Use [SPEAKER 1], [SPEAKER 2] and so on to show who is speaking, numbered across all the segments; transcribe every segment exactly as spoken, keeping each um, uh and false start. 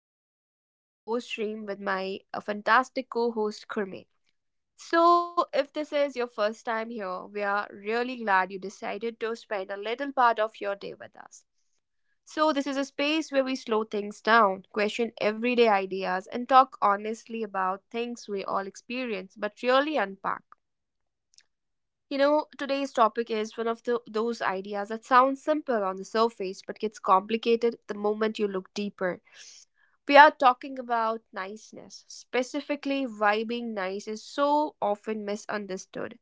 [SPEAKER 1] This is uh, your host stream with my uh, fantastic co-host Kurme. So, if this is your first time here, we are really glad you decided to spend a little part of your day with us. So, this is a space where we slow things down, question everyday ideas, and talk honestly about things we all experience but really unpack. You know, today's topic is one of the, those ideas that sounds simple on the surface but gets complicated the moment you look deeper. We are talking about niceness. Specifically, why being nice is so often misunderstood.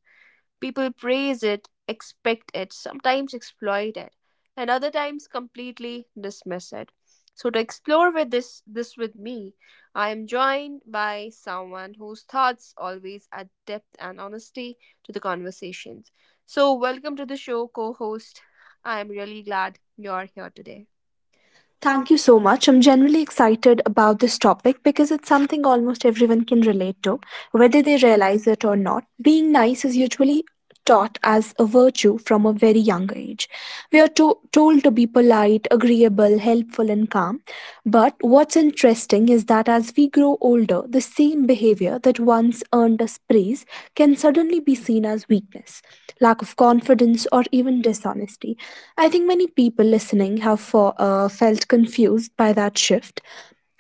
[SPEAKER 1] People praise it, expect it, sometimes exploit it, and other times completely dismiss it. So to explore with this this with me, I am joined by someone whose thoughts always add depth and honesty to the conversations. So welcome to the show, co-host. I am really glad you're here today.
[SPEAKER 2] Thank you so much. I'm generally excited about this topic because it's something almost everyone can relate to, whether they realize it or not. Being nice is usually taught as a virtue from a very young age. We are to- told to be polite, agreeable, helpful, and calm, but what's interesting is that as we grow older, the same behavior that once earned us praise can suddenly be seen as weakness, lack of confidence, or even dishonesty. I think many people listening have for, uh, felt confused by that shift.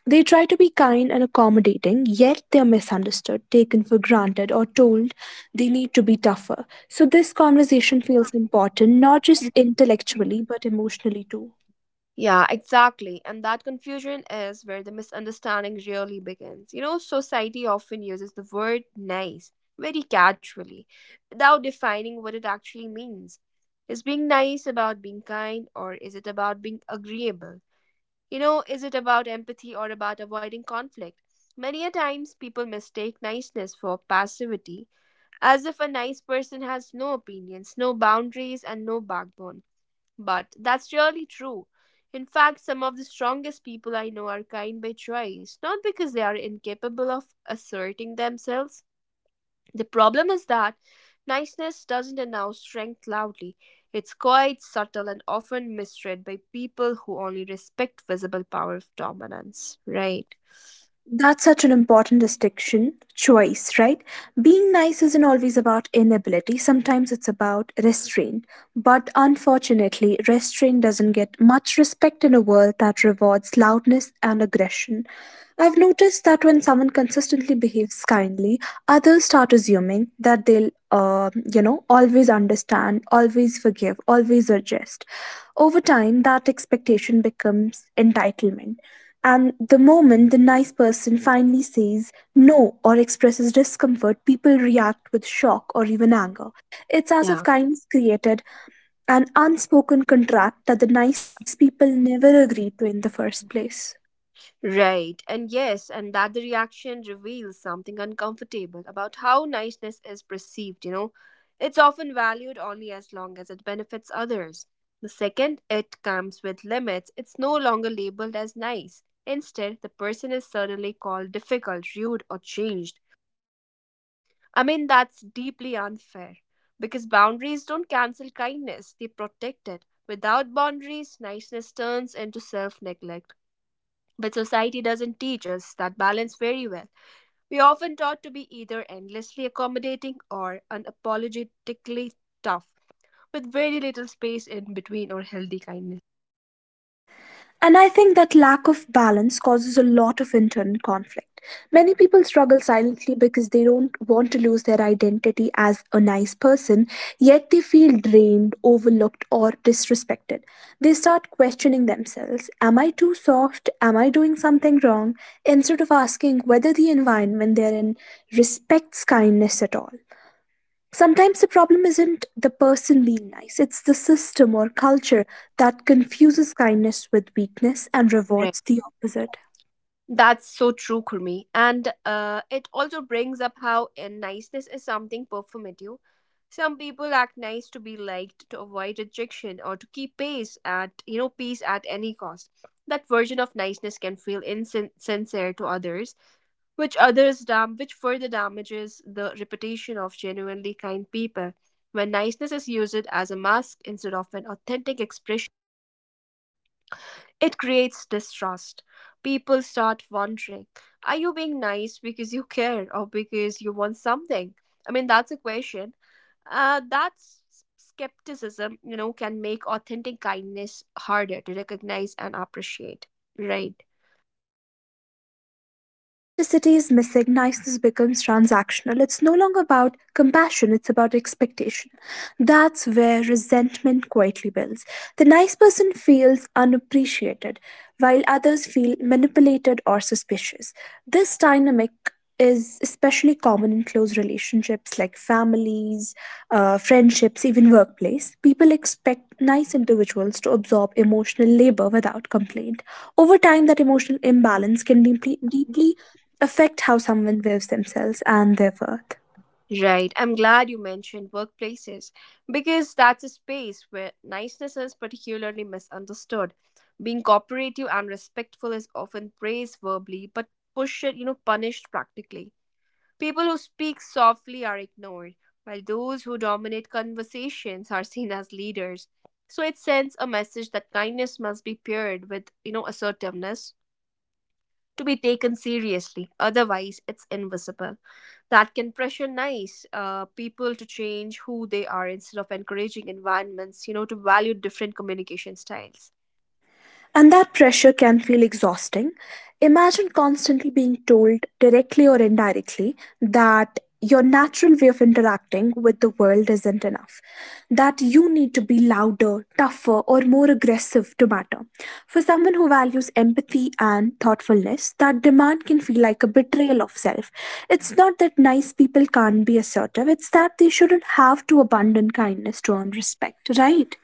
[SPEAKER 2] They try to be kind and accommodating, yet they're misunderstood, taken for granted, or told they need to be tougher. So, this conversation feels important, not just intellectually, but emotionally too.
[SPEAKER 1] Yeah, exactly. And that confusion is where the misunderstanding really begins. You know, society often uses the word nice very casually without defining what it actually means. Is being nice about being kind or is it about being agreeable? You know, is it about empathy or about avoiding conflict? Many a times people mistake niceness for passivity, as if a nice person has no opinions, no boundaries, and no backbone. But that's really true. In fact, some of the strongest people I know are kind by choice, not because they are incapable of asserting themselves. The problem is that niceness doesn't announce strength loudly. It's quite subtle and often misread by people who only respect visible power of dominance, right?
[SPEAKER 2] That's such an important distinction, choice, right? Being nice isn't always about inability, sometimes it's about restraint. But unfortunately, restraint doesn't get much respect in a world that rewards loudness and aggression. I've noticed that when someone consistently behaves kindly, others start assuming that they'll, uh, you know, always understand, always forgive, always adjust. Over time, that expectation becomes entitlement, and the moment the nice person finally says no or expresses discomfort, people react with shock or even anger. It's as if
[SPEAKER 1] Yeah.
[SPEAKER 2] kindness created an unspoken contract that the nice people never agreed to in the first place.
[SPEAKER 1] Right, and yes, and that the reaction reveals something uncomfortable about how niceness is perceived, you know. It's often valued only as long as it benefits others. The second it comes with limits, it's no longer labeled as nice. Instead, the person is suddenly called difficult, rude, or changed. I mean, that's deeply unfair because boundaries don't cancel kindness, they protect it. Without boundaries, niceness turns into self neglect. But society doesn't teach us that balance very well. We are often taught to be either endlessly accommodating or unapologetically tough, with very little space in between or healthy kindness.
[SPEAKER 2] And I think that lack of balance causes a lot of internal conflict. Many people struggle silently because they don't want to lose their identity as a nice person, yet they feel drained, overlooked, or disrespected. They start questioning themselves. Am I too soft? Am I doing something wrong? Instead of asking whether the environment they're in respects kindness at all. Sometimes the problem isn't the person being nice, it's the system or culture that confuses kindness with weakness and
[SPEAKER 1] Right.
[SPEAKER 2] rewards the opposite.
[SPEAKER 1] That's so true, Kurmi. And uh, it also brings up how uh, niceness is something performative. Some people act nice to be liked, to avoid rejection, or to keep pace at you know peace at any cost. That version of niceness can feel insincere to others which others dam which further damages the reputation of genuinely kind people. When niceness is used as a mask instead of an authentic expression, it creates distrust. People start wondering, are you being nice because you care or because you want something? I mean, that's a question. Uh, that's skepticism, you know, can make authentic kindness harder to recognize and appreciate, right?
[SPEAKER 2] Absolutely. And when authenticity is missing, niceness becomes transactional. It's no longer about compassion, it's about expectation. That's where resentment quietly builds. The nice person feels unappreciated, while others feel manipulated or suspicious. This dynamic is especially common in close relationships like families, uh, friendships, even workplace. People expect nice individuals to absorb emotional labor without complaint. Over time, that emotional imbalance can deeply, deeply affect how someone views themselves and their worth.
[SPEAKER 1] Right. I'm glad you mentioned workplaces because that's a space where niceness is particularly misunderstood. Being cooperative and respectful is often praised verbally but pushed, you know, punished practically. People who speak softly are ignored, while those who dominate conversations are seen as leaders. So it sends a message that kindness must be paired with, you know, assertiveness to be taken seriously. Otherwise, it's invisible. That can pressure nice, uh, people to change who they are instead of encouraging environments you know to value different communication styles.
[SPEAKER 2] And that pressure can feel exhausting. Imagine constantly being told, directly or indirectly, that your natural way of interacting with the world isn't enough, that you need to be louder, tougher, or more aggressive to matter. For someone who values empathy and thoughtfulness, that demand can feel like a betrayal of self. It's not that nice people can't be assertive, it's that they shouldn't have to abandon kindness to earn respect, right?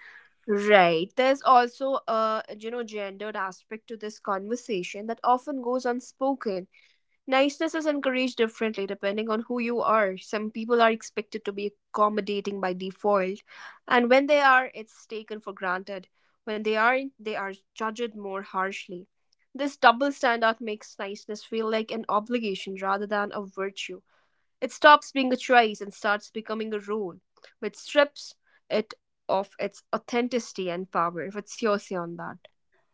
[SPEAKER 1] Right, there's also a you know gendered aspect to this conversation that often goes unspoken. Niceness is encouraged differently depending on who you are. Some people are expected to be accommodating by default, and when they are, it's taken for granted. When they aren't, they are judged more harshly. This double standard makes niceness feel like an obligation rather than a virtue. It stops being a choice and starts becoming a rule, which strips it of its authenticity and power. What's your say on that?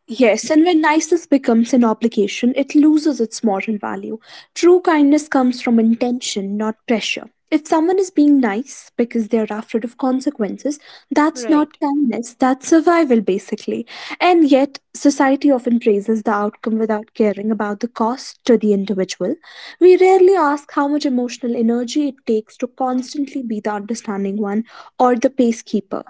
[SPEAKER 2] Yes, and when niceness becomes an obligation, it loses its moral value. True kindness comes from intention, not pressure. If someone is being nice because they are afraid of consequences, that's not
[SPEAKER 1] Right.
[SPEAKER 2] kindness, that's survival basically. And yet, society often praises the outcome without caring about the cost to the individual. We rarely ask how much emotional energy it takes to constantly be the understanding one or the pacekeeper.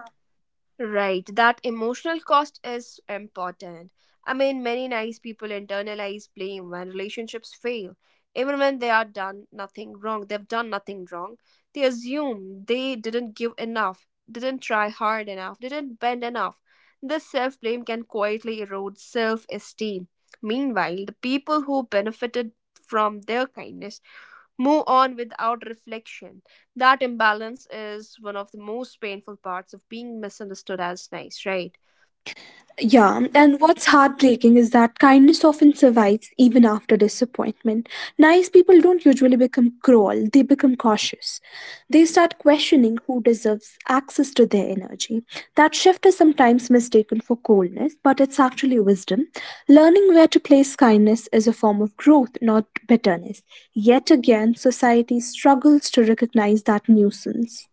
[SPEAKER 1] Right, that emotional cost is important. I mean, many nice people internalize blame when relationships fail. Even when they are done nothing wrong, they've done nothing wrong, they assume they didn't give enough, didn't try hard enough, didn't bend enough. This self blame can quietly erode self esteem. Meanwhile, the people who benefited from their kindness move on without reflection. That imbalance is one of the most painful parts of being misunderstood as nice, right?
[SPEAKER 2] Yeah, and what's heartbreaking is that kindness often survives even after disappointment. Nice people don't usually become cruel, they become cautious. They start questioning who deserves access to their energy. That shift is sometimes mistaken for coldness, but it's actually wisdom. Learning where to place kindness is a form of growth, not bitterness. Yet again, society struggles to recognize that nuisance.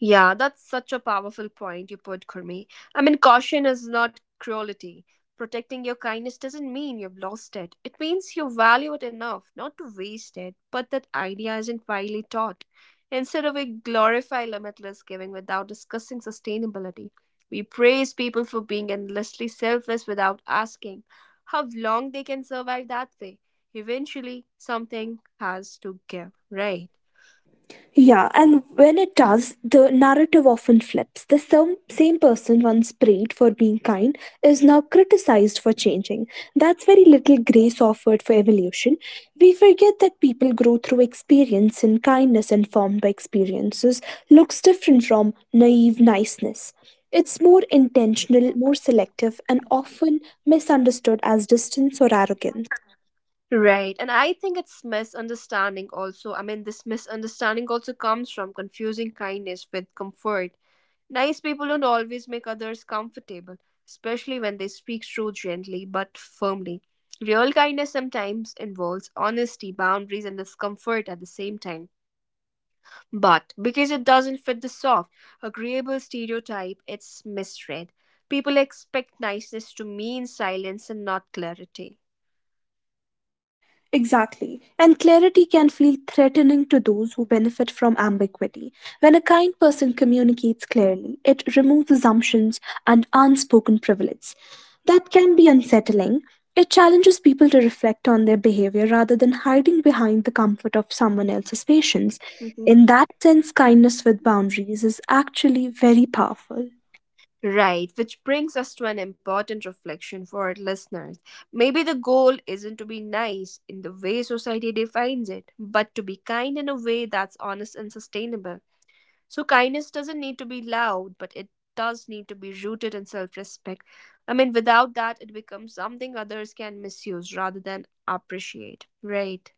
[SPEAKER 1] Yeah, that's such a powerful point you put, Kurmi. I mean, caution is not cruelty. Protecting your kindness doesn't mean you've lost it. It means you value it enough not to waste it, but that idea isn't widely taught. Instead of we glorify limitless giving without discussing sustainability, we praise people for being endlessly selfless without asking how long they can survive that way. Eventually, something has to give, right?
[SPEAKER 2] Yeah, and when it does, the narrative often flips. The same, same person once prayed for being kind is now criticized for changing. That's very little grace offered for evolution. We forget that people grow through experience, and kindness informed by experiences looks different from naive niceness. It's more intentional, more selective, and often misunderstood as distance or arrogance.
[SPEAKER 1] Right. And I think it's misunderstanding also. I mean, this misunderstanding also comes from confusing kindness with comfort. Nice people don't always make others comfortable, especially when they speak truth gently but firmly. Real kindness sometimes involves honesty, boundaries, and discomfort at the same time. But because it doesn't fit the soft, agreeable stereotype, it's misread. People expect niceness to mean silence and not clarity.
[SPEAKER 2] Exactly. And clarity can feel threatening to those who benefit from ambiguity. When a kind person communicates clearly, it removes assumptions and unspoken privilege. That can be unsettling. It challenges people to reflect on their behavior rather than hiding behind the comfort of someone else's patience.
[SPEAKER 1] Mhm.
[SPEAKER 2] In that sense, kindness with boundaries is actually very powerful.
[SPEAKER 1] Right, which brings us to an important reflection for our listeners. Maybe the goal isn't to be nice in the way society defines it, but to be kind in a way that's honest and sustainable. So kindness doesn't need to be loud, but it does need to be rooted in self respect. I mean, without that, it becomes something others can misuse rather than appreciate, right?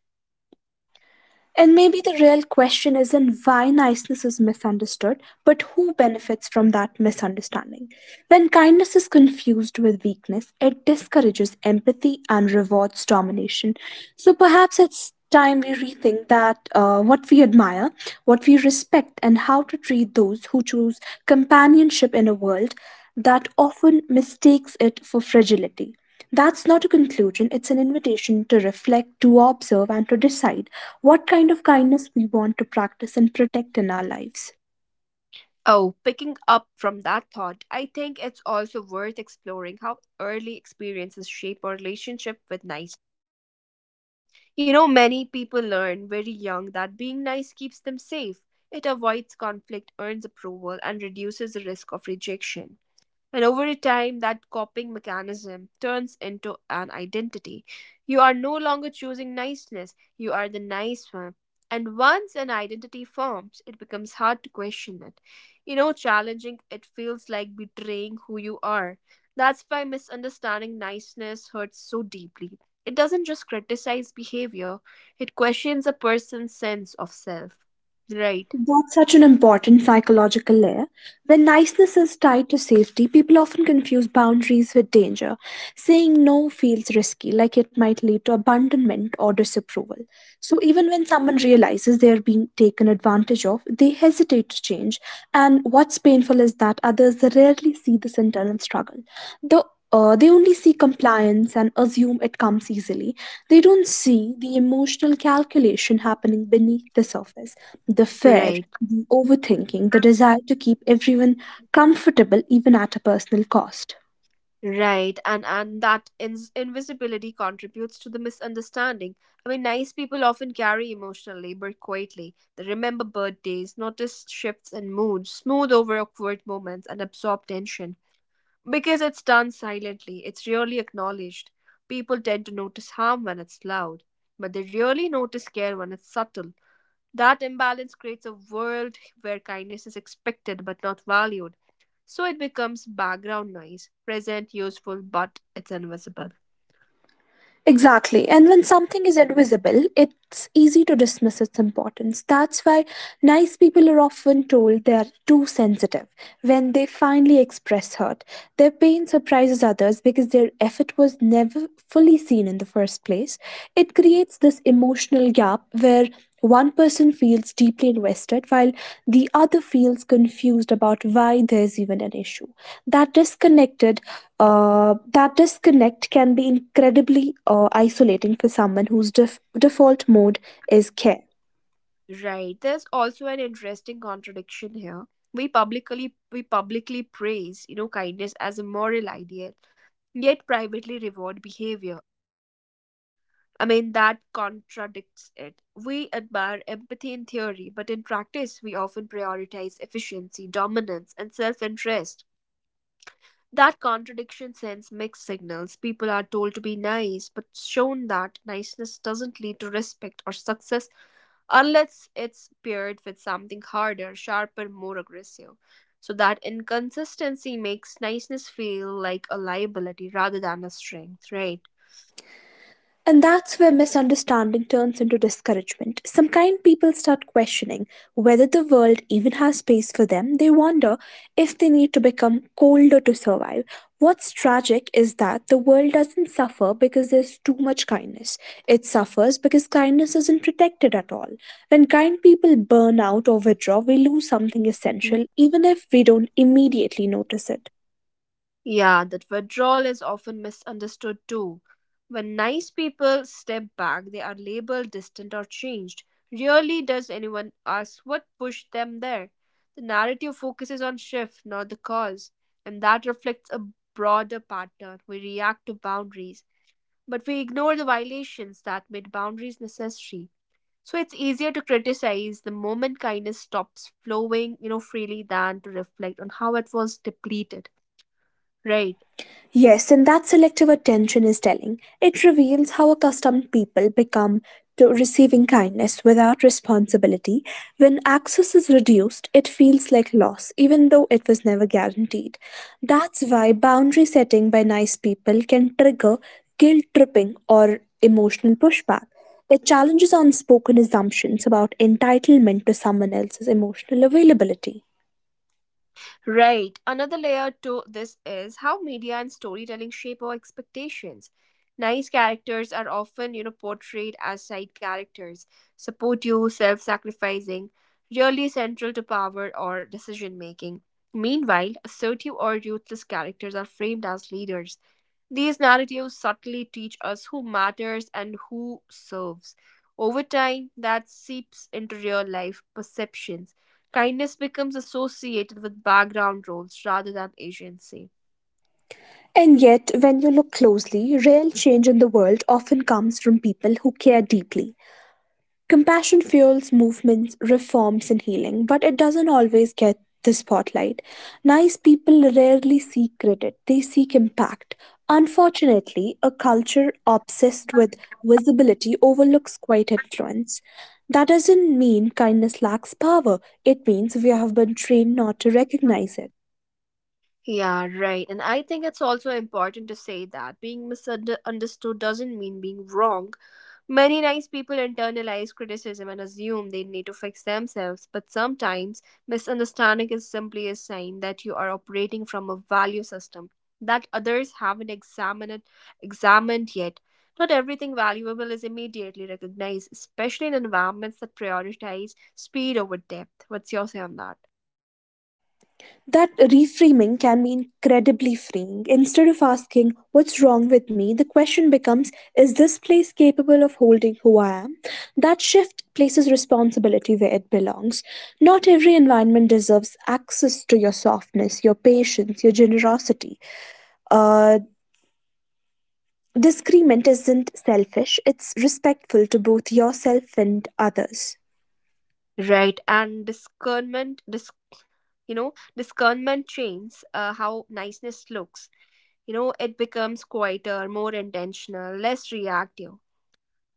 [SPEAKER 2] And maybe the real question isn't why niceness is misunderstood, but who benefits from that misunderstanding. When kindness is confused with weakness, it discourages empathy and rewards domination. So perhaps it's time we rethink that uh, what we admire, what we respect, and how to treat those who choose companionship in a world that often mistakes it for fragility. That's not a conclusion, it's an invitation to reflect, to observe, and to decide what kind of kindness we want to practice and protect in our lives.
[SPEAKER 1] Oh, picking up from that thought, I think it's also worth exploring how early experiences shape our relationship with nice. You know, many people learn very young that being nice keeps them safe. It avoids conflict, earns approval, and reduces the risk of rejection. And over a time, that coping mechanism turns into an identity. You are no longer choosing niceness, you are the nice one. And once an identity forms, it becomes hard to question it. You know, challenging it feels like betraying who you are. That's why misunderstanding niceness hurts so deeply. It doesn't just criticize behavior, it questions a person's sense of self. Right,
[SPEAKER 2] That's such an important psychological layer. When niceness is tied to safety, people often confuse boundaries with danger. Saying no feels risky, like it might lead to abandonment or disapproval. So, even when someone realizes they are being taken advantage of, they hesitate to change. And what's painful is that others rarely see this internal struggle. the uh, they only see compliance and assume it comes easily. They don't see the emotional calculation happening beneath the surface, the fear,
[SPEAKER 1] right.
[SPEAKER 2] the overthinking, the desire to keep everyone comfortable even at a personal cost.
[SPEAKER 1] Right, and and that ins invisibility contributes to the misunderstanding. I mean, nice people often carry emotional labor quietly. They remember birthdays, notice shifts in moods, smooth over awkward moments, and absorb tension. Because it's done silently, it's rarely acknowledged. People tend to notice harm when it's loud, but they rarely notice care when it's subtle. That imbalance creates a world where kindness is expected but not valued. So it becomes background noise, present, useful, but it's invisible.
[SPEAKER 2] Exactly. And when something is invisible, it's easy to dismiss its importance. That's why nice people are often told they are too sensitive when they finally express hurt. Their pain surprises others because their effort was never fully seen in the first place. It creates this emotional gap where one person feels deeply invested while the other feels confused about why there's even an issue. That disconnected, uh, that disconnect can be incredibly uh, isolating for someone whose def- default mode is care.
[SPEAKER 1] Right. There's also an interesting contradiction here. We publicly we publicly praise, you know, kindness as a moral ideal, yet privately reward behavior. I mean that contradicts it. We admire empathy in theory, but in practice we often prioritize efficiency, dominance, and self-interest. That contradiction sends mixed signals. People are told to be nice, but shown that niceness doesn't lead to respect or success unless it's paired with something harder, sharper, more aggressive. So that inconsistency makes niceness feel like a liability rather than a strength, right?
[SPEAKER 2] And that's where misunderstanding turns into discouragement. Some kind people start questioning whether the world even has space for them. They wonder if they need to become colder to survive. What's tragic is that the world doesn't suffer because there's too much kindness. It suffers because kindness isn't protected at all. When kind people burn out or withdraw, we lose something
[SPEAKER 1] Mhm.
[SPEAKER 2] essential, even if we don't immediately notice it.
[SPEAKER 1] Yeah, that withdrawal is often misunderstood too. When nice people step back, they are labeled distant or changed. Rarely does anyone ask what pushed them there. The narrative focuses on shift, not the cause, and that reflects a broader pattern. We react to boundaries, but we ignore the violations that made boundaries necessary. So it's easier to criticize the moment kindness stops flowing, you know, freely than to reflect on how it was depleted. Right.
[SPEAKER 2] Yes, and that selective attention is telling. It reveals how accustomed people become to receiving kindness without responsibility. When access is reduced, it feels like loss, even though it was never guaranteed. That's why boundary setting by nice people can trigger guilt tripping or emotional pushback. It challenges unspoken assumptions about entitlement to someone else's emotional availability.
[SPEAKER 1] Right. Another layer to this is how media and storytelling shape our expectations. Nice characters are often, you know, portrayed as side characters, supportive, self sacrificing, really central to power or decision making. Meanwhile, assertive or ruthless characters are framed as leaders. These narratives subtly teach us who matters and who serves. Over time, that seeps into real life perceptions. Kindness becomes associated with background roles rather than agency.
[SPEAKER 2] And yet, when you look closely, real change in the world often comes from people who care deeply. Compassion fuels movements, reforms, and healing, but it doesn't always get the spotlight. Nice people rarely seek credit, they seek impact. Unfortunately, a culture obsessed with visibility overlooks quiet influence. That doesn't mean kindness lacks power, it means we have been trained not to recognize it.
[SPEAKER 1] Yeah, right. And I think it's also important to say that being misunderstood doesn't mean being wrong. Many nice people internalize criticism and assume they need to fix themselves, but sometimes misunderstanding is simply a sign that you are operating from a value system that others haven't examined it- examined yet. Not everything valuable is immediately recognized, especially in environments that prioritize speed over depth. What's your say on that?
[SPEAKER 2] That reframing can be incredibly freeing. Instead of asking, "What's wrong with me?" the question becomes, "Is this place capable of holding who I am?" That shift places responsibility where it belongs. Not every environment deserves access to your softness, your patience, your generosity. Uh, Disagreement isn't selfish, it's respectful to both yourself and others.
[SPEAKER 1] Right, and discernment you know, discernment changes uh, how niceness looks. You know, it becomes quieter, more intentional, less reactive.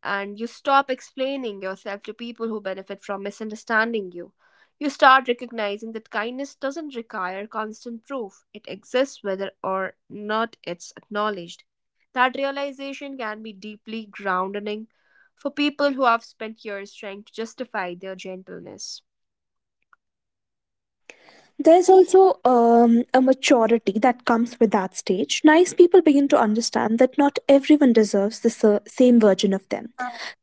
[SPEAKER 1] And you stop explaining yourself to people who benefit from misunderstanding you. You start recognizing that kindness doesn't require constant proof, it exists whether or not it's acknowledged. That realization can be deeply grounding for people who have spent years trying to justify their gentleness.
[SPEAKER 2] There's also um, a maturity that comes with that stage. Nice people begin to understand that not everyone deserves the ser- same version of them.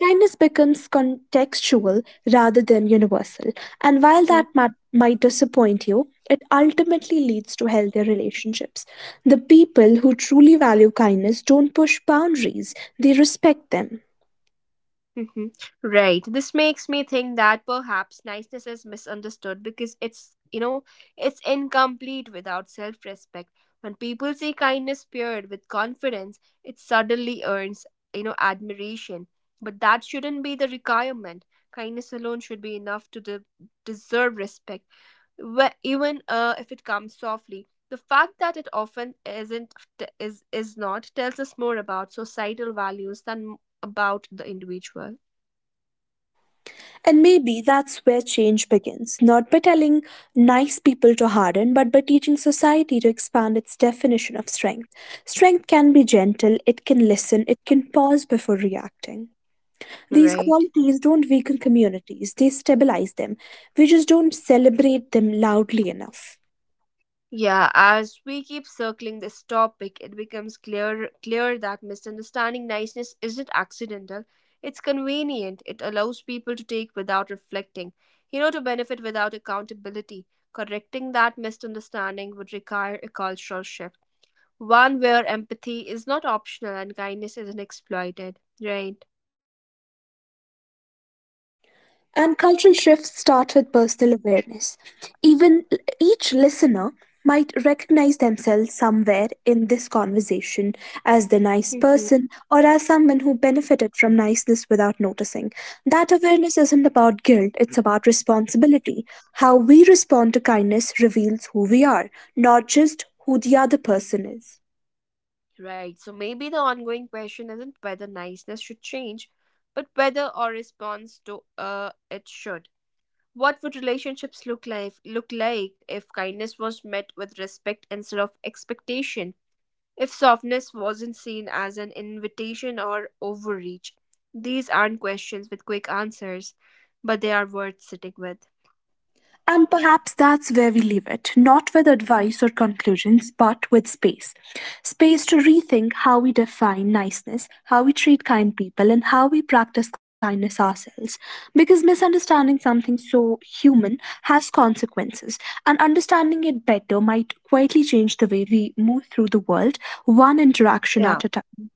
[SPEAKER 2] Kindness becomes contextual rather than universal. And while that ma- might disappoint you, it ultimately leads to healthier relationships. The people who truly value kindness don't push boundaries, they respect them.
[SPEAKER 1] Hmm. Right. This makes me think that perhaps niceness is misunderstood because it's, you know, it's incomplete without self respect. When people see kindness paired with confidence, it suddenly earns, you know, admiration. But that shouldn't be the requirement. Kindness alone should be enough to de- deserve respect, wh- even uh, if it comes softly. The fact that it often isn't t- is is not tells us more about societal values than about the individual.
[SPEAKER 2] And maybe that's where change begins, not by telling nice people to harden, but by teaching society to expand its definition of strength. Strength can be gentle, it can listen, it can pause before reacting. These
[SPEAKER 1] Right.
[SPEAKER 2] qualities don't weaken communities, they stabilize them. We just don't celebrate them loudly enough.
[SPEAKER 1] Yeah, as we keep circling this topic, it becomes clear clear that misunderstanding niceness isn't accidental. It's convenient. It allows people to take without reflecting, you know, to benefit without accountability. Correcting that misunderstanding would require a cultural shift, one where empathy is not optional and kindness isn't exploited. Right.
[SPEAKER 2] And cultural shifts start with personal awareness. Even each listener might recognize themselves somewhere in this conversation as the nice person or as someone who benefited from niceness without noticing. That awareness isn't about guilt, it's about responsibility. How we respond to kindness reveals who we are, not just who the other person is.
[SPEAKER 1] Right. So maybe the ongoing question isn't whether niceness should change, but whether our response to uh it should. What would relationships look like look like if kindness was met with respect instead of expectation? If softness wasn't seen as an invitation or overreach? These aren't questions with quick answers, but they are worth sitting with.
[SPEAKER 2] And perhaps that's where we leave it, not with advice or conclusions, but with space. Space to rethink how we define niceness, how we treat kind people, and how we practice kindness ourselves. Because misunderstanding something so human has consequences, and understanding it better might quietly change the way we move through the world, one interaction
[SPEAKER 1] Yeah.
[SPEAKER 2] at a time.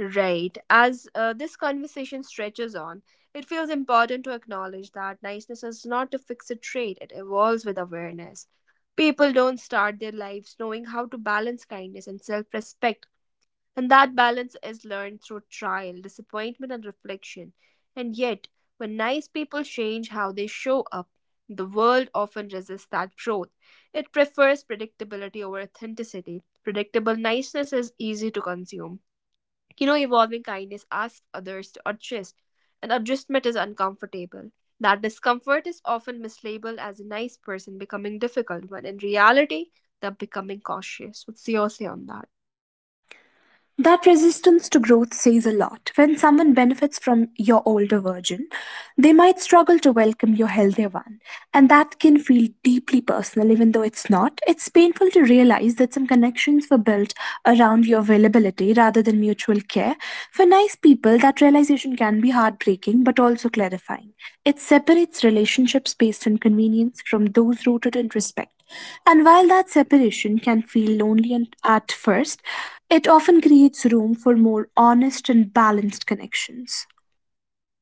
[SPEAKER 1] Right. As uh, this conversation stretches on, it feels important to acknowledge that niceness is not a fixed trait, it evolves with awareness. People don't start their lives knowing how to balance kindness and self respect, and that balance is learned through trial, disappointment, and reflection. And yet, when nice people change how they show up, the world often resists that growth. It prefers predictability over authenticity. Predictable niceness is easy to consume, you know, evolving kindness asks others to adjust, and adjustment is uncomfortable. That discomfort is often mislabeled as a nice person becoming difficult, when in reality, they're becoming cautious. What's your say on that?
[SPEAKER 2] That resistance to growth says a lot. When someone benefits from your older version, they might struggle to welcome your healthier one. And that can feel deeply personal, even though it's not. It's painful to realize that some connections were built around your availability rather than mutual care. For nice people, that realization can be heartbreaking but also clarifying. It separates relationships based on convenience from those rooted in respect. And while that separation can feel lonely and at first, it often creates room for more honest and balanced connections.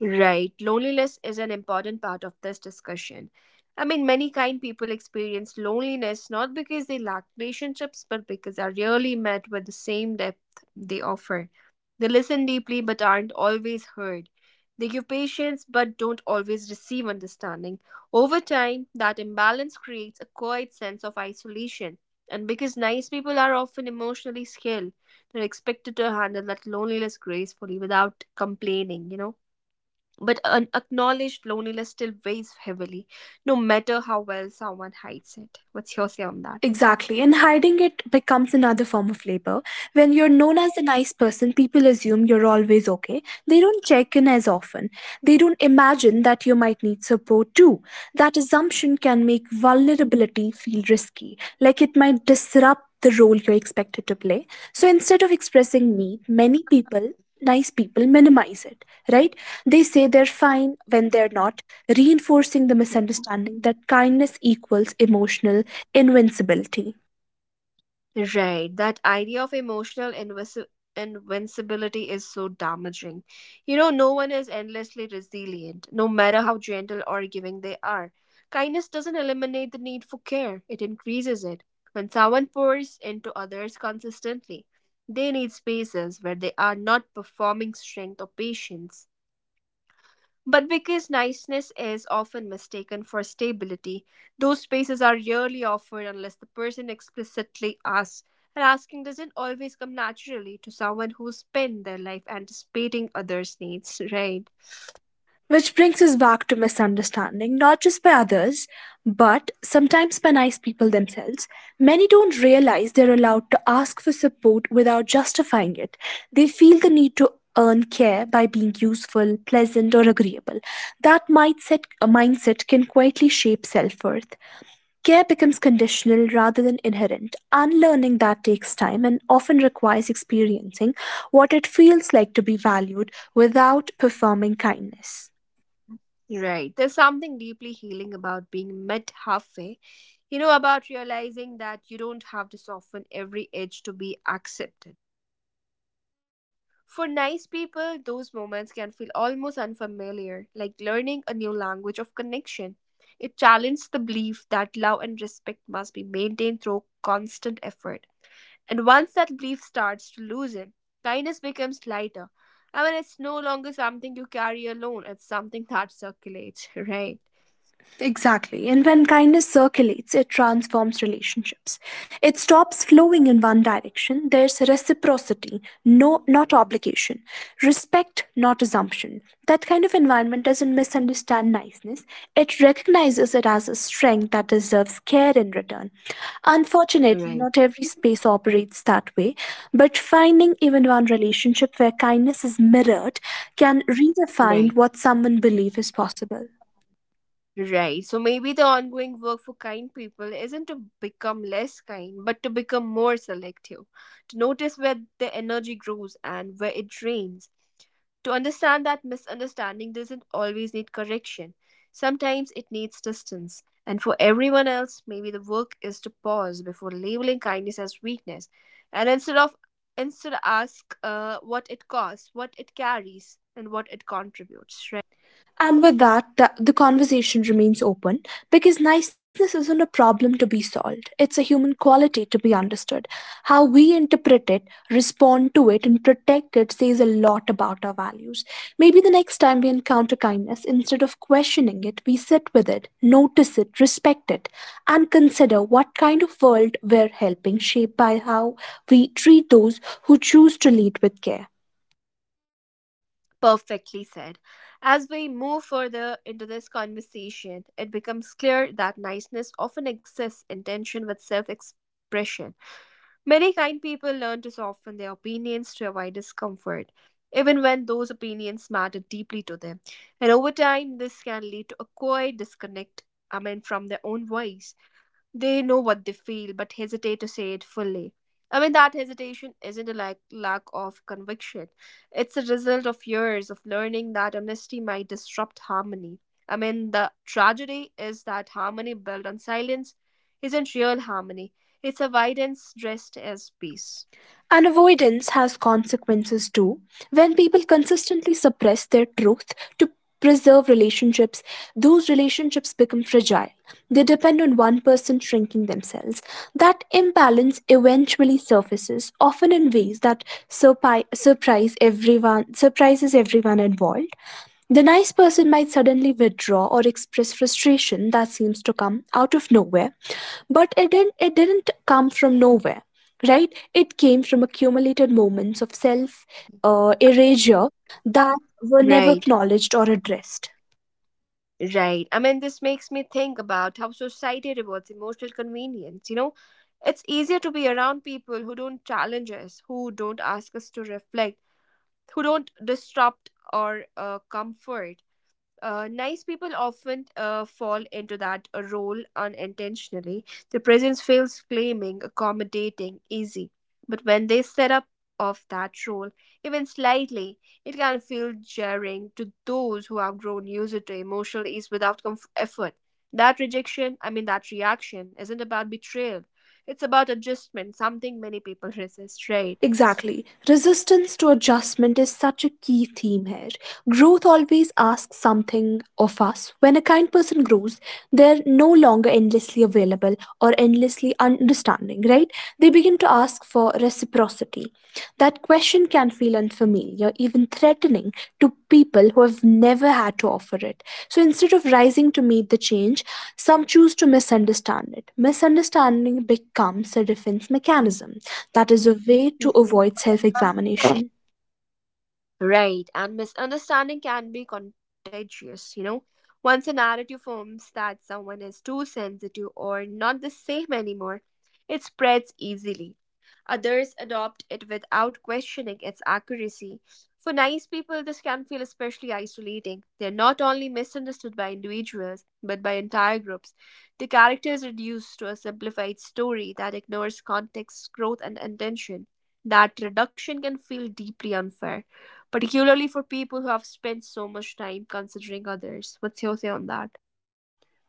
[SPEAKER 1] Right. Loneliness is an important part of this discussion. I mean, many kind people experience loneliness not because they lack relationships, but because they are rarely met with the same depth they offer. They listen deeply but aren't always heard. They give patience but don't always receive understanding. Over time, that imbalance creates a quiet sense of isolation. And because nice people are often emotionally skilled, they're expected to handle that loneliness gracefully without complaining, you know? But unacknowledged loneliness still weighs heavily, no matter how well someone hides it. What's your say on that?
[SPEAKER 2] Exactly, and hiding it becomes another form of labor. When you're known as the nice person, people assume you're always okay. They don't check in as often. They don't imagine that you might need support too. That assumption can make vulnerability feel risky, like it might disrupt the role you're expected to play. So instead of expressing need, many people, nice people, minimize it, right? They say they're fine when they're not, reinforcing the misunderstanding that kindness equals emotional invincibility.
[SPEAKER 1] Right, that idea of emotional invisi- invincibility is so damaging. You know, no one is endlessly resilient, no matter how gentle or giving they are. Kindness doesn't eliminate the need for care, it increases it. When someone pours into others consistently, they need spaces where they are not performing strength or patience. But because niceness is often mistaken for stability, those spaces are rarely offered unless the person explicitly asks. And asking doesn't always come naturally to someone who spent their life anticipating others' needs, right?
[SPEAKER 2] Which brings us back to misunderstanding, not just by others, but sometimes by nice people themselves. Many don't realize they're allowed to ask for support without justifying it. They feel the need to earn care by being useful, pleasant, or agreeable. That mindset, uh, mindset can quietly shape self worth. Care becomes conditional rather than inherent. Unlearning that takes time and often requires experiencing what it feels like to be valued without performing kindness.
[SPEAKER 1] Right. There's something deeply healing about being met halfway. You know, about realizing that you don't have to soften every edge to be accepted. For nice people, those moments can feel almost unfamiliar, like learning a new language of connection. It challenges the belief that love and respect must be maintained through constant effort. And once that belief starts to loosen, kindness becomes lighter. I mean, it's no longer something you carry alone, it's something that circulates, right?
[SPEAKER 2] Exactly. And when kindness circulates, it transforms relationships. It stops flowing in one direction. There's reciprocity, no not obligation. Respect, not assumption. That kind of environment doesn't misunderstand niceness. It recognizes it as a strength that deserves care in return. Unfortunately, not
[SPEAKER 1] Right.
[SPEAKER 2] every space operates that way, but finding even one relationship where kindness is mirrored can redefine
[SPEAKER 1] Right.
[SPEAKER 2] what someone believes is possible.
[SPEAKER 1] Right. So maybe the ongoing work for kind people isn't to become less kind, but to become more selective, to notice where the energy grows and where it drains, to understand that misunderstanding doesn't always need correction. Sometimes it needs distance. And for everyone else, maybe the work is to pause before labeling kindness as weakness, and instead of instead ask, uh, what it costs, what it carries, and what it contributes. Right.
[SPEAKER 2] And with that, th- the conversation remains open because niceness isn't a problem to be solved. It's a human quality to be understood. How we interpret it, respond to it, and protect it says a lot about our values. Maybe the next time we encounter kindness, instead of questioning it, we sit with it, notice it, respect it, and consider what kind of world we're helping shape by how we treat those who choose to lead with care.
[SPEAKER 1] Perfectly said. As we move further into this conversation, it becomes clear that niceness often exists in tension with self expression. Many kind people learn to soften their opinions to avoid discomfort, even when those opinions matter deeply to them. And over time, this can lead to a quiet disconnect, I mean, from their own voice. They know what they feel but hesitate to say it fully. I mean, that hesitation isn't a lack, lack of conviction. It's a result of years of learning that honesty might disrupt harmony. I mean, the tragedy is that harmony built on silence isn't real harmony, it's avoidance dressed as peace.
[SPEAKER 2] And avoidance has consequences too. When people consistently suppress their truth to preserve relationships, those relationships become fragile. They depend on one person shrinking themselves. That imbalance eventually surfaces, often in ways that surpi- surprise everyone, surprises everyone involved. The nice person might suddenly withdraw or express frustration that seems to come out of nowhere, but it didn't it didn't come from nowhere, right? It came from accumulated moments of self uh, erasure that were never
[SPEAKER 1] Right.
[SPEAKER 2] acknowledged or addressed.
[SPEAKER 1] Right. I mean, this makes me think about how society rewards emotional convenience. You know, it's easier to be around people who don't challenge us, who don't ask us to reflect, who don't disrupt or uh, comfort. Uh, nice people often uh, fall into that role unintentionally. Their presence feels claiming, accommodating, easy. But when they set up off that role, even slightly, it can feel jarring to those who have grown used to emotional ease without comf- effort. That rejection, I mean, that reaction, isn't about betrayal. It's about adjustment, something many people resist, right?
[SPEAKER 2] Exactly. Resistance to adjustment is such a key theme here. Growth always asks something of us. When a kind person grows, they're no longer endlessly available or endlessly understanding, right? They begin to ask for reciprocity. That question can feel unfamiliar, even threatening to people who have never had to offer it. So instead of rising to meet the change, some choose to misunderstand it. Misunderstanding becomes a defense mechanism, that is a way to
[SPEAKER 1] Hmm.
[SPEAKER 2] avoid self examination.
[SPEAKER 1] Right, and misunderstanding can be contagious, you know. Once a narrative forms that someone is too sensitive or not the same anymore, it spreads easily. Others adopt it without questioning its accuracy. For nice people, this can feel especially isolating. They're not only misunderstood by individuals, but by entire groups. The character is reduced to a simplified story that ignores context, growth, and intention. That reduction can feel deeply unfair, particularly for people who have spent so much time considering others. What's your say on that?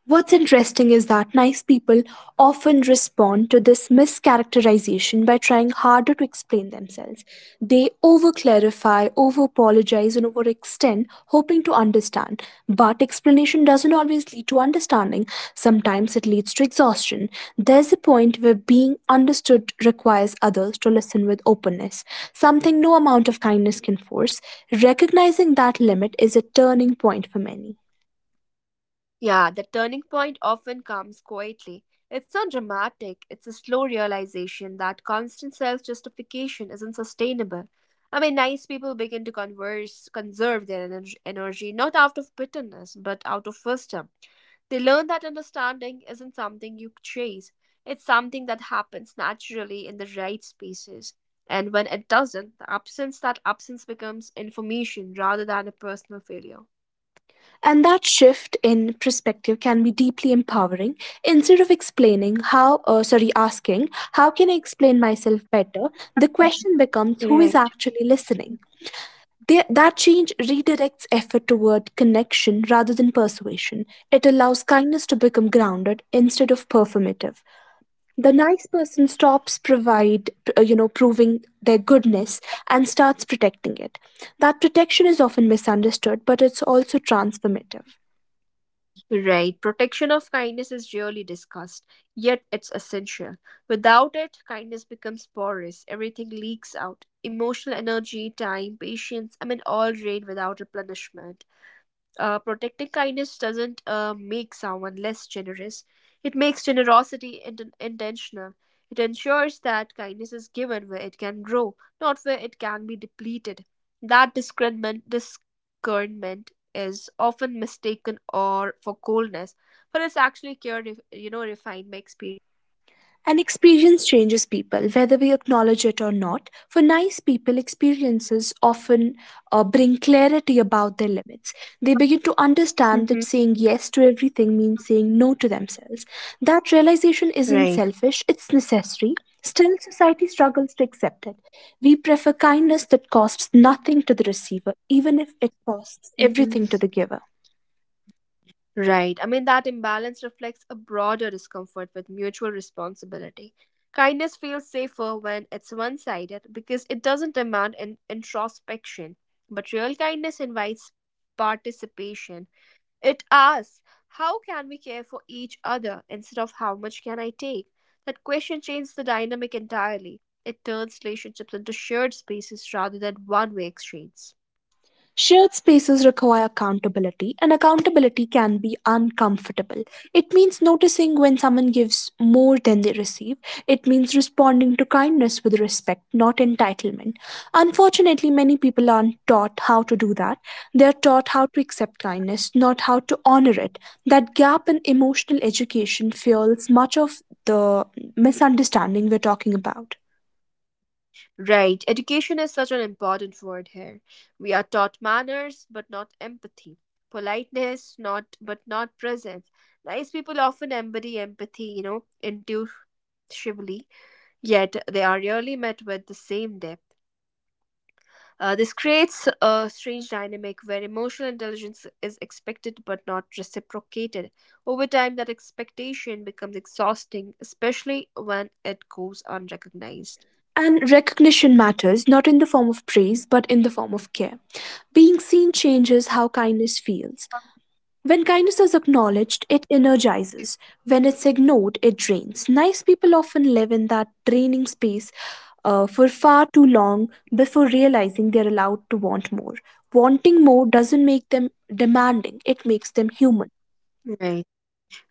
[SPEAKER 2] What's interesting is that nice people often respond to this mischaracterization by trying harder to explain themselves. They over clarify, over apologize, and overextend, hoping to understand. But explanation doesn't always lead to understanding, sometimes it leads to exhaustion. There's a point where being understood requires others to listen with openness, something no amount of kindness can force. Recognizing that limit is a turning point for many.
[SPEAKER 1] Yeah, the turning point often comes quietly. It's not dramatic, it's a slow realization that constant self justification isn't sustainable. I mean, nice people begin to converse, conserve their ener- energy, not out of bitterness, but out of wisdom. They learn that understanding isn't something you chase, it's something that happens naturally in the right spaces. And when it doesn't, the absence that absence becomes information rather than a personal failure.
[SPEAKER 2] And that shift in perspective can be deeply empowering. Instead of explaining how, uh, sorry, asking, how can I explain myself better, the question becomes who is
[SPEAKER 1] Right.
[SPEAKER 2] actually listening. The- that change redirects effort toward connection rather than persuasion. It allows kindness to become grounded instead of performative. The nice person stops provide, uh, you know, proving their goodness and starts protecting it. That protection is often misunderstood, but it's also transformative.
[SPEAKER 1] Right. Protection of kindness is rarely discussed, yet it's essential. Without it, kindness becomes porous. Everything leaks out. Emotional energy, time, patience, I mean, all drain without replenishment. Uh, protecting kindness doesn't uh, make someone less generous. It makes generosity int- intentional. It ensures that kindness is given where it can grow, not where it can be depleted. That discernment, discernment is often mistaken or for coldness, but it's actually cure, you know, refined by experience.
[SPEAKER 2] And experience changes people, whether we acknowledge it or not. For nice people, experiences often uh, bring clarity about their limits. They begin to understand that
[SPEAKER 1] Hmm.
[SPEAKER 2] saying yes to everything means saying no to themselves. That realization isn't
[SPEAKER 1] Right.
[SPEAKER 2] selfish, it's necessary. Still, society struggles to accept it. We prefer kindness that costs nothing to the receiver, even if it costs
[SPEAKER 1] Hmm.
[SPEAKER 2] everything to the giver.
[SPEAKER 1] Right. I mean, that imbalance reflects a broader discomfort with mutual responsibility. Kindness feels safer when it's one sided because it doesn't demand an introspection. But real kindness invites participation. It asks, how can we care for each other instead of how much can I take? That question changes the dynamic entirely. It turns relationships into shared spaces rather than one way exchanges.
[SPEAKER 2] Shared spaces require accountability, and accountability can be uncomfortable. It means noticing when someone gives more than they receive. It means responding to kindness with respect, not entitlement. Unfortunately, many people aren't taught how to do that. They're taught how to accept kindness, not how to honor it. That gap in emotional education fuels much of the misunderstanding we're talking about.
[SPEAKER 1] Right, education is such an important word here. We are taught manners but not empathy, politeness not but not presence. Nice people often embody empathy, you know, intuitively, yet they are rarely met with the same depth. Uh, this creates a strange dynamic where emotional intelligence is expected but not reciprocated. Over time, that expectation becomes exhausting, especially when it goes unrecognized.
[SPEAKER 2] And recognition matters, not in the form of praise, but in the form of care. Being seen changes how kindness feels. When kindness is acknowledged, it energizes. When it's ignored, it drains. Nice people often live in that draining space uh, for far too long before realizing they're allowed to want more. Wanting more doesn't make them demanding, it makes them human.
[SPEAKER 1] Right.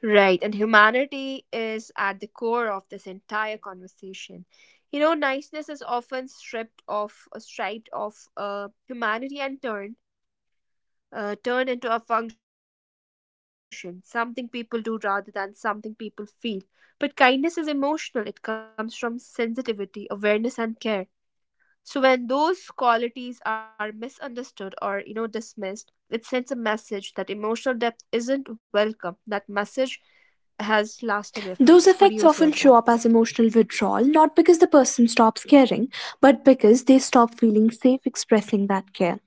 [SPEAKER 1] Right, and humanity is at the core of this entire conversation. You know, niceness is often stripped of, uh, striped of uh, humanity and turned, uh, turned into a function, something people do rather than something people feel. But kindness is emotional; it comes from sensitivity, awareness, and care. So when those qualities are misunderstood or, you know, dismissed, it sends a message that emotional depth isn't welcome. That message has lasting effects. What do you say on that?
[SPEAKER 2] Those effects often show up as emotional withdrawal, not because the person stops caring, but because they stop feeling safe expressing that care.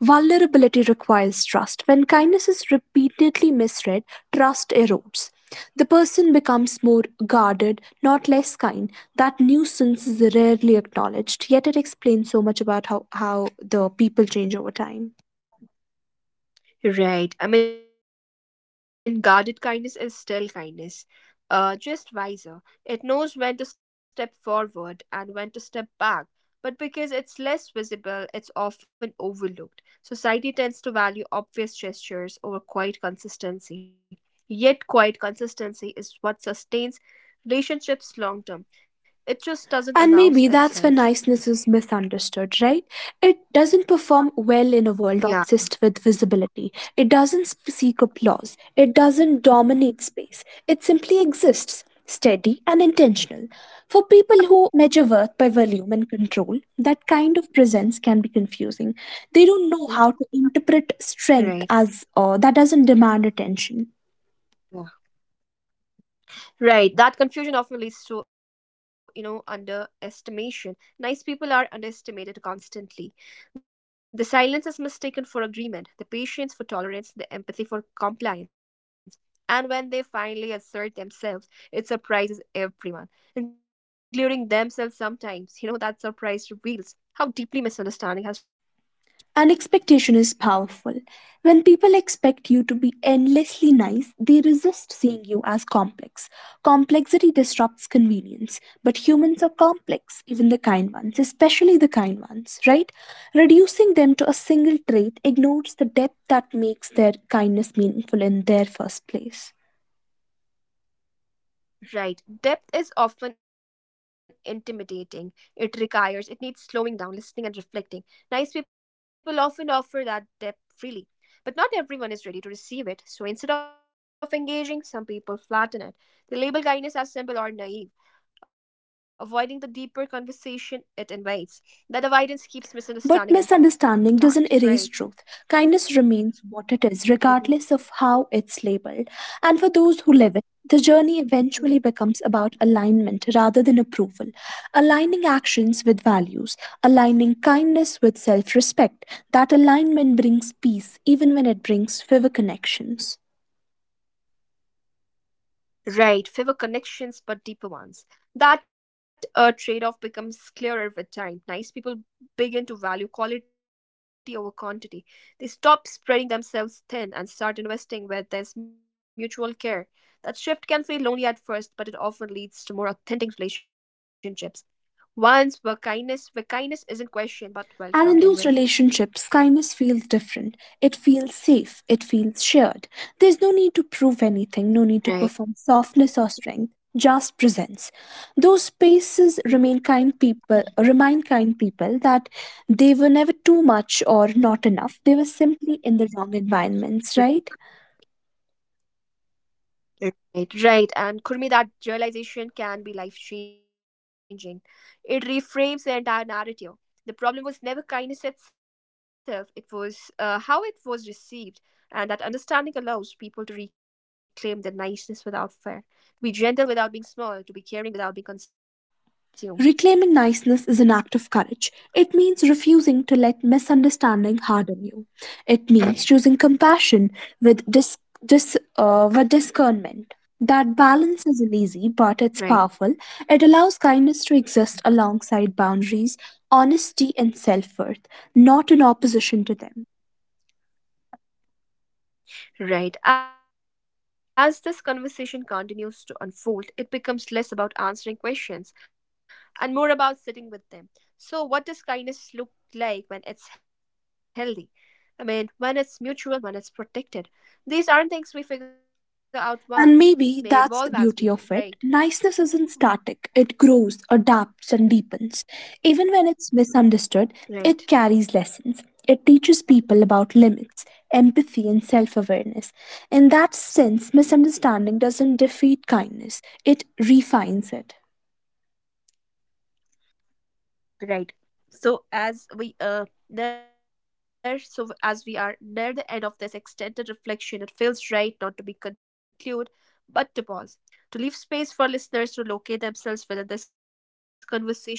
[SPEAKER 2] Vulnerability requires trust. When kindness is repeatedly misread, trust erodes. The person becomes more guarded, not less kind. That nuisance is rarely acknowledged, yet it explains so much about how, how the people change over time.
[SPEAKER 1] Right. I mean, guarded kindness is still kindness, uh, just wiser. It knows when to step forward and when to step back. But because it's less visible, it's often overlooked. Society tends to value obvious gestures over quiet consistency. Yet, quiet consistency is what sustains relationships long term. It just doesn't announce itself.
[SPEAKER 2] And maybe that's where niceness is misunderstood, right? It doesn't
[SPEAKER 1] Yeah.
[SPEAKER 2] perform well in a world obsessed with visibility. It doesn't sp- seek applause. It doesn't dominate space. It simply exists, steady and intentional. For people who measure worth by volume and control, that kind of presence can be
[SPEAKER 1] Mm.
[SPEAKER 2] confusing. They don't know how to
[SPEAKER 1] Right.
[SPEAKER 2] interpret strength as uh, that doesn't demand
[SPEAKER 1] Yeah.
[SPEAKER 2] attention.
[SPEAKER 1] Right, that confusion often leads to, you know, underestimation. Nice people are underestimated constantly. The silence is mistaken for agreement, the patience for tolerance, the empathy for compliance. And when they finally assert themselves, it surprises everyone, including themselves sometimes. You know, that surprise reveals how deeply misunderstanding has shaped expectations.
[SPEAKER 2] And expectation is powerful. When people expect you to be endlessly nice, they resist seeing you as complex. Complexity disrupts convenience, but humans are complex, even the kind ones, especially the kind ones, right? Reducing them to a single trait ignores the depth that makes their kindness meaningful in their first place.
[SPEAKER 1] Right. Depth is often intimidating. It requires, it needs slowing down, listening, and reflecting. Nice people often offer that depth freely, but not everyone is ready to receive it. So instead of engaging, some people flatten it. They label kindness as simple or naive, avoiding the deeper conversation it invites. That avoidance keeps misunderstanding intact,
[SPEAKER 2] But
[SPEAKER 1] right?
[SPEAKER 2] misunderstanding doesn't erase truth. Kindness remains what it
[SPEAKER 1] Mhm.
[SPEAKER 2] is, regardless of how it's labeled. And for those who live it, the journey eventually becomes about alignment rather than approval, aligning actions with values, aligning kindness with self respect. That alignment brings peace, even when it brings fewer connections.
[SPEAKER 1] Right, fewer connections but deeper ones. That uh, trade off becomes clearer with time. Nice people begin to value quality over quantity. They stop spreading themselves thin and start investing where there's mutual care. That shift can feel lonely at first, but it often leads to more authentic relationships. Ones where kindness where kindness isn't questioned but welcomed anyway.
[SPEAKER 2] And in those relationships, kindness feels different. It feels safe. It feels shared. There's no need to prove
[SPEAKER 1] Right.
[SPEAKER 2] anything, no need to perform softness or
[SPEAKER 1] Right.
[SPEAKER 2] strength, just presence. Those spaces remain kind people remind kind people that they were never too much or not enough. They were simply in the wrong environments, right?
[SPEAKER 1] Right, right. And Kurmi, that realization can be life changing. It reframes the entire narrative. The problem was never kindness itself, it was uh, how it was received. And that understanding allows people to reclaim their niceness without fear, to be gentle without being small, to be caring without being consumed.
[SPEAKER 2] Reclaiming niceness is an act of courage. It means refusing to let misunderstanding harden you. It means choosing compassion with dis- dis- uh, with discernment. That balance isn't easy,
[SPEAKER 1] Right.
[SPEAKER 2] but it's powerful. It allows kindness to exist alongside boundaries, honesty, and self worth, not in opposition to them.
[SPEAKER 1] Right. As this conversation continues to unfold, it becomes less about answering questions and more about sitting with them. So, what does kindness look like when it's healthy? I mean, when it's mutual, when it's protected. These aren't things we figure out once, they evolve as we do,
[SPEAKER 2] And
[SPEAKER 1] right?
[SPEAKER 2] maybe that's the beauty of it.
[SPEAKER 1] Mhm.
[SPEAKER 2] Niceness isn't static, it grows, adapts, and deepens. Even when it's
[SPEAKER 1] Right.
[SPEAKER 2] misunderstood, it carries lessons. It teaches people about limits, empathy, and self awareness. In that sense, misunderstanding doesn't defeat kindness, it refines it.
[SPEAKER 1] Right. So as we uh near so as we are near the end of this extended reflection, it feels right not to be conclude, but to pause. To leave space for listeners to locate themselves within this conversation, to notice where they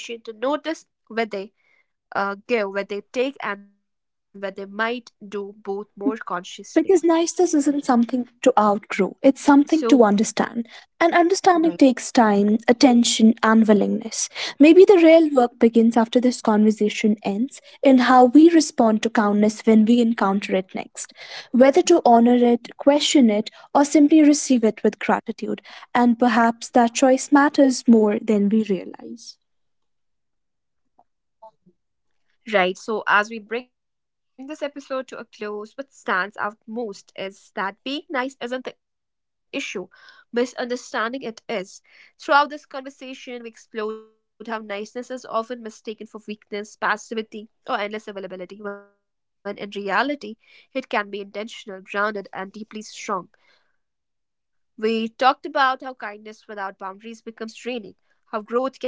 [SPEAKER 1] uh, give, where they take, and where they might do both more consciously.
[SPEAKER 2] Because niceness isn't
[SPEAKER 1] So,
[SPEAKER 2] something to outgrow, it's something to
[SPEAKER 1] right.
[SPEAKER 2] understand. And understanding takes time, attention, and willingness. Maybe the real work begins after this conversation ends in how we respond to kindness when we encounter it next. Whether to honor it, question it, or simply receive it with gratitude. And perhaps that choice matters more than we realize.
[SPEAKER 1] Right. So, as we bring this episode to a close, what stands out most is that being nice isn't the issue, misunderstanding it is. Throughout this conversation, we explored how niceness is often mistaken for weakness, passivity, or endless availability, when in reality, it can be intentional, grounded, and deeply strong. We talked about how kindness without boundaries becomes draining, how growth can be misread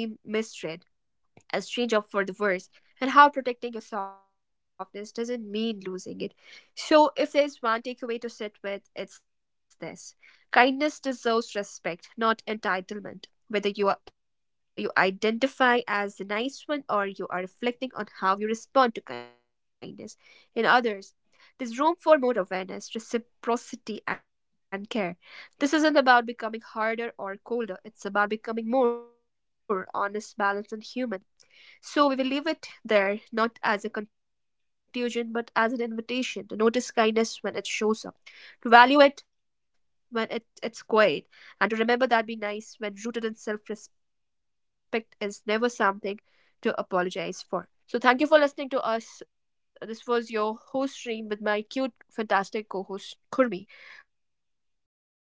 [SPEAKER 1] a strange up for the worse, and how protecting your softness doesn't mean losing it. So, if there is one takeaway to sit with, it's this: kindness deserves respect, not entitlement. Whether you, are, you identify as the nice one or you are reflecting on how you respond to kindness in others, there's room for more awareness, reciprocity, and care. This isn't about becoming harder or colder, it's about becoming more honest, balanced, and human. So we will leave it there, not as a conclusion, but as an invitation to notice kindness when it shows up, to value it when it, it's quiet, and to remember that being nice when rooted in self respect is never something to apologize for. So thank you for listening to us. This was your host stream with my cute, fantastic co host, Kurmi. We will catch you in the next episode. Till then, bye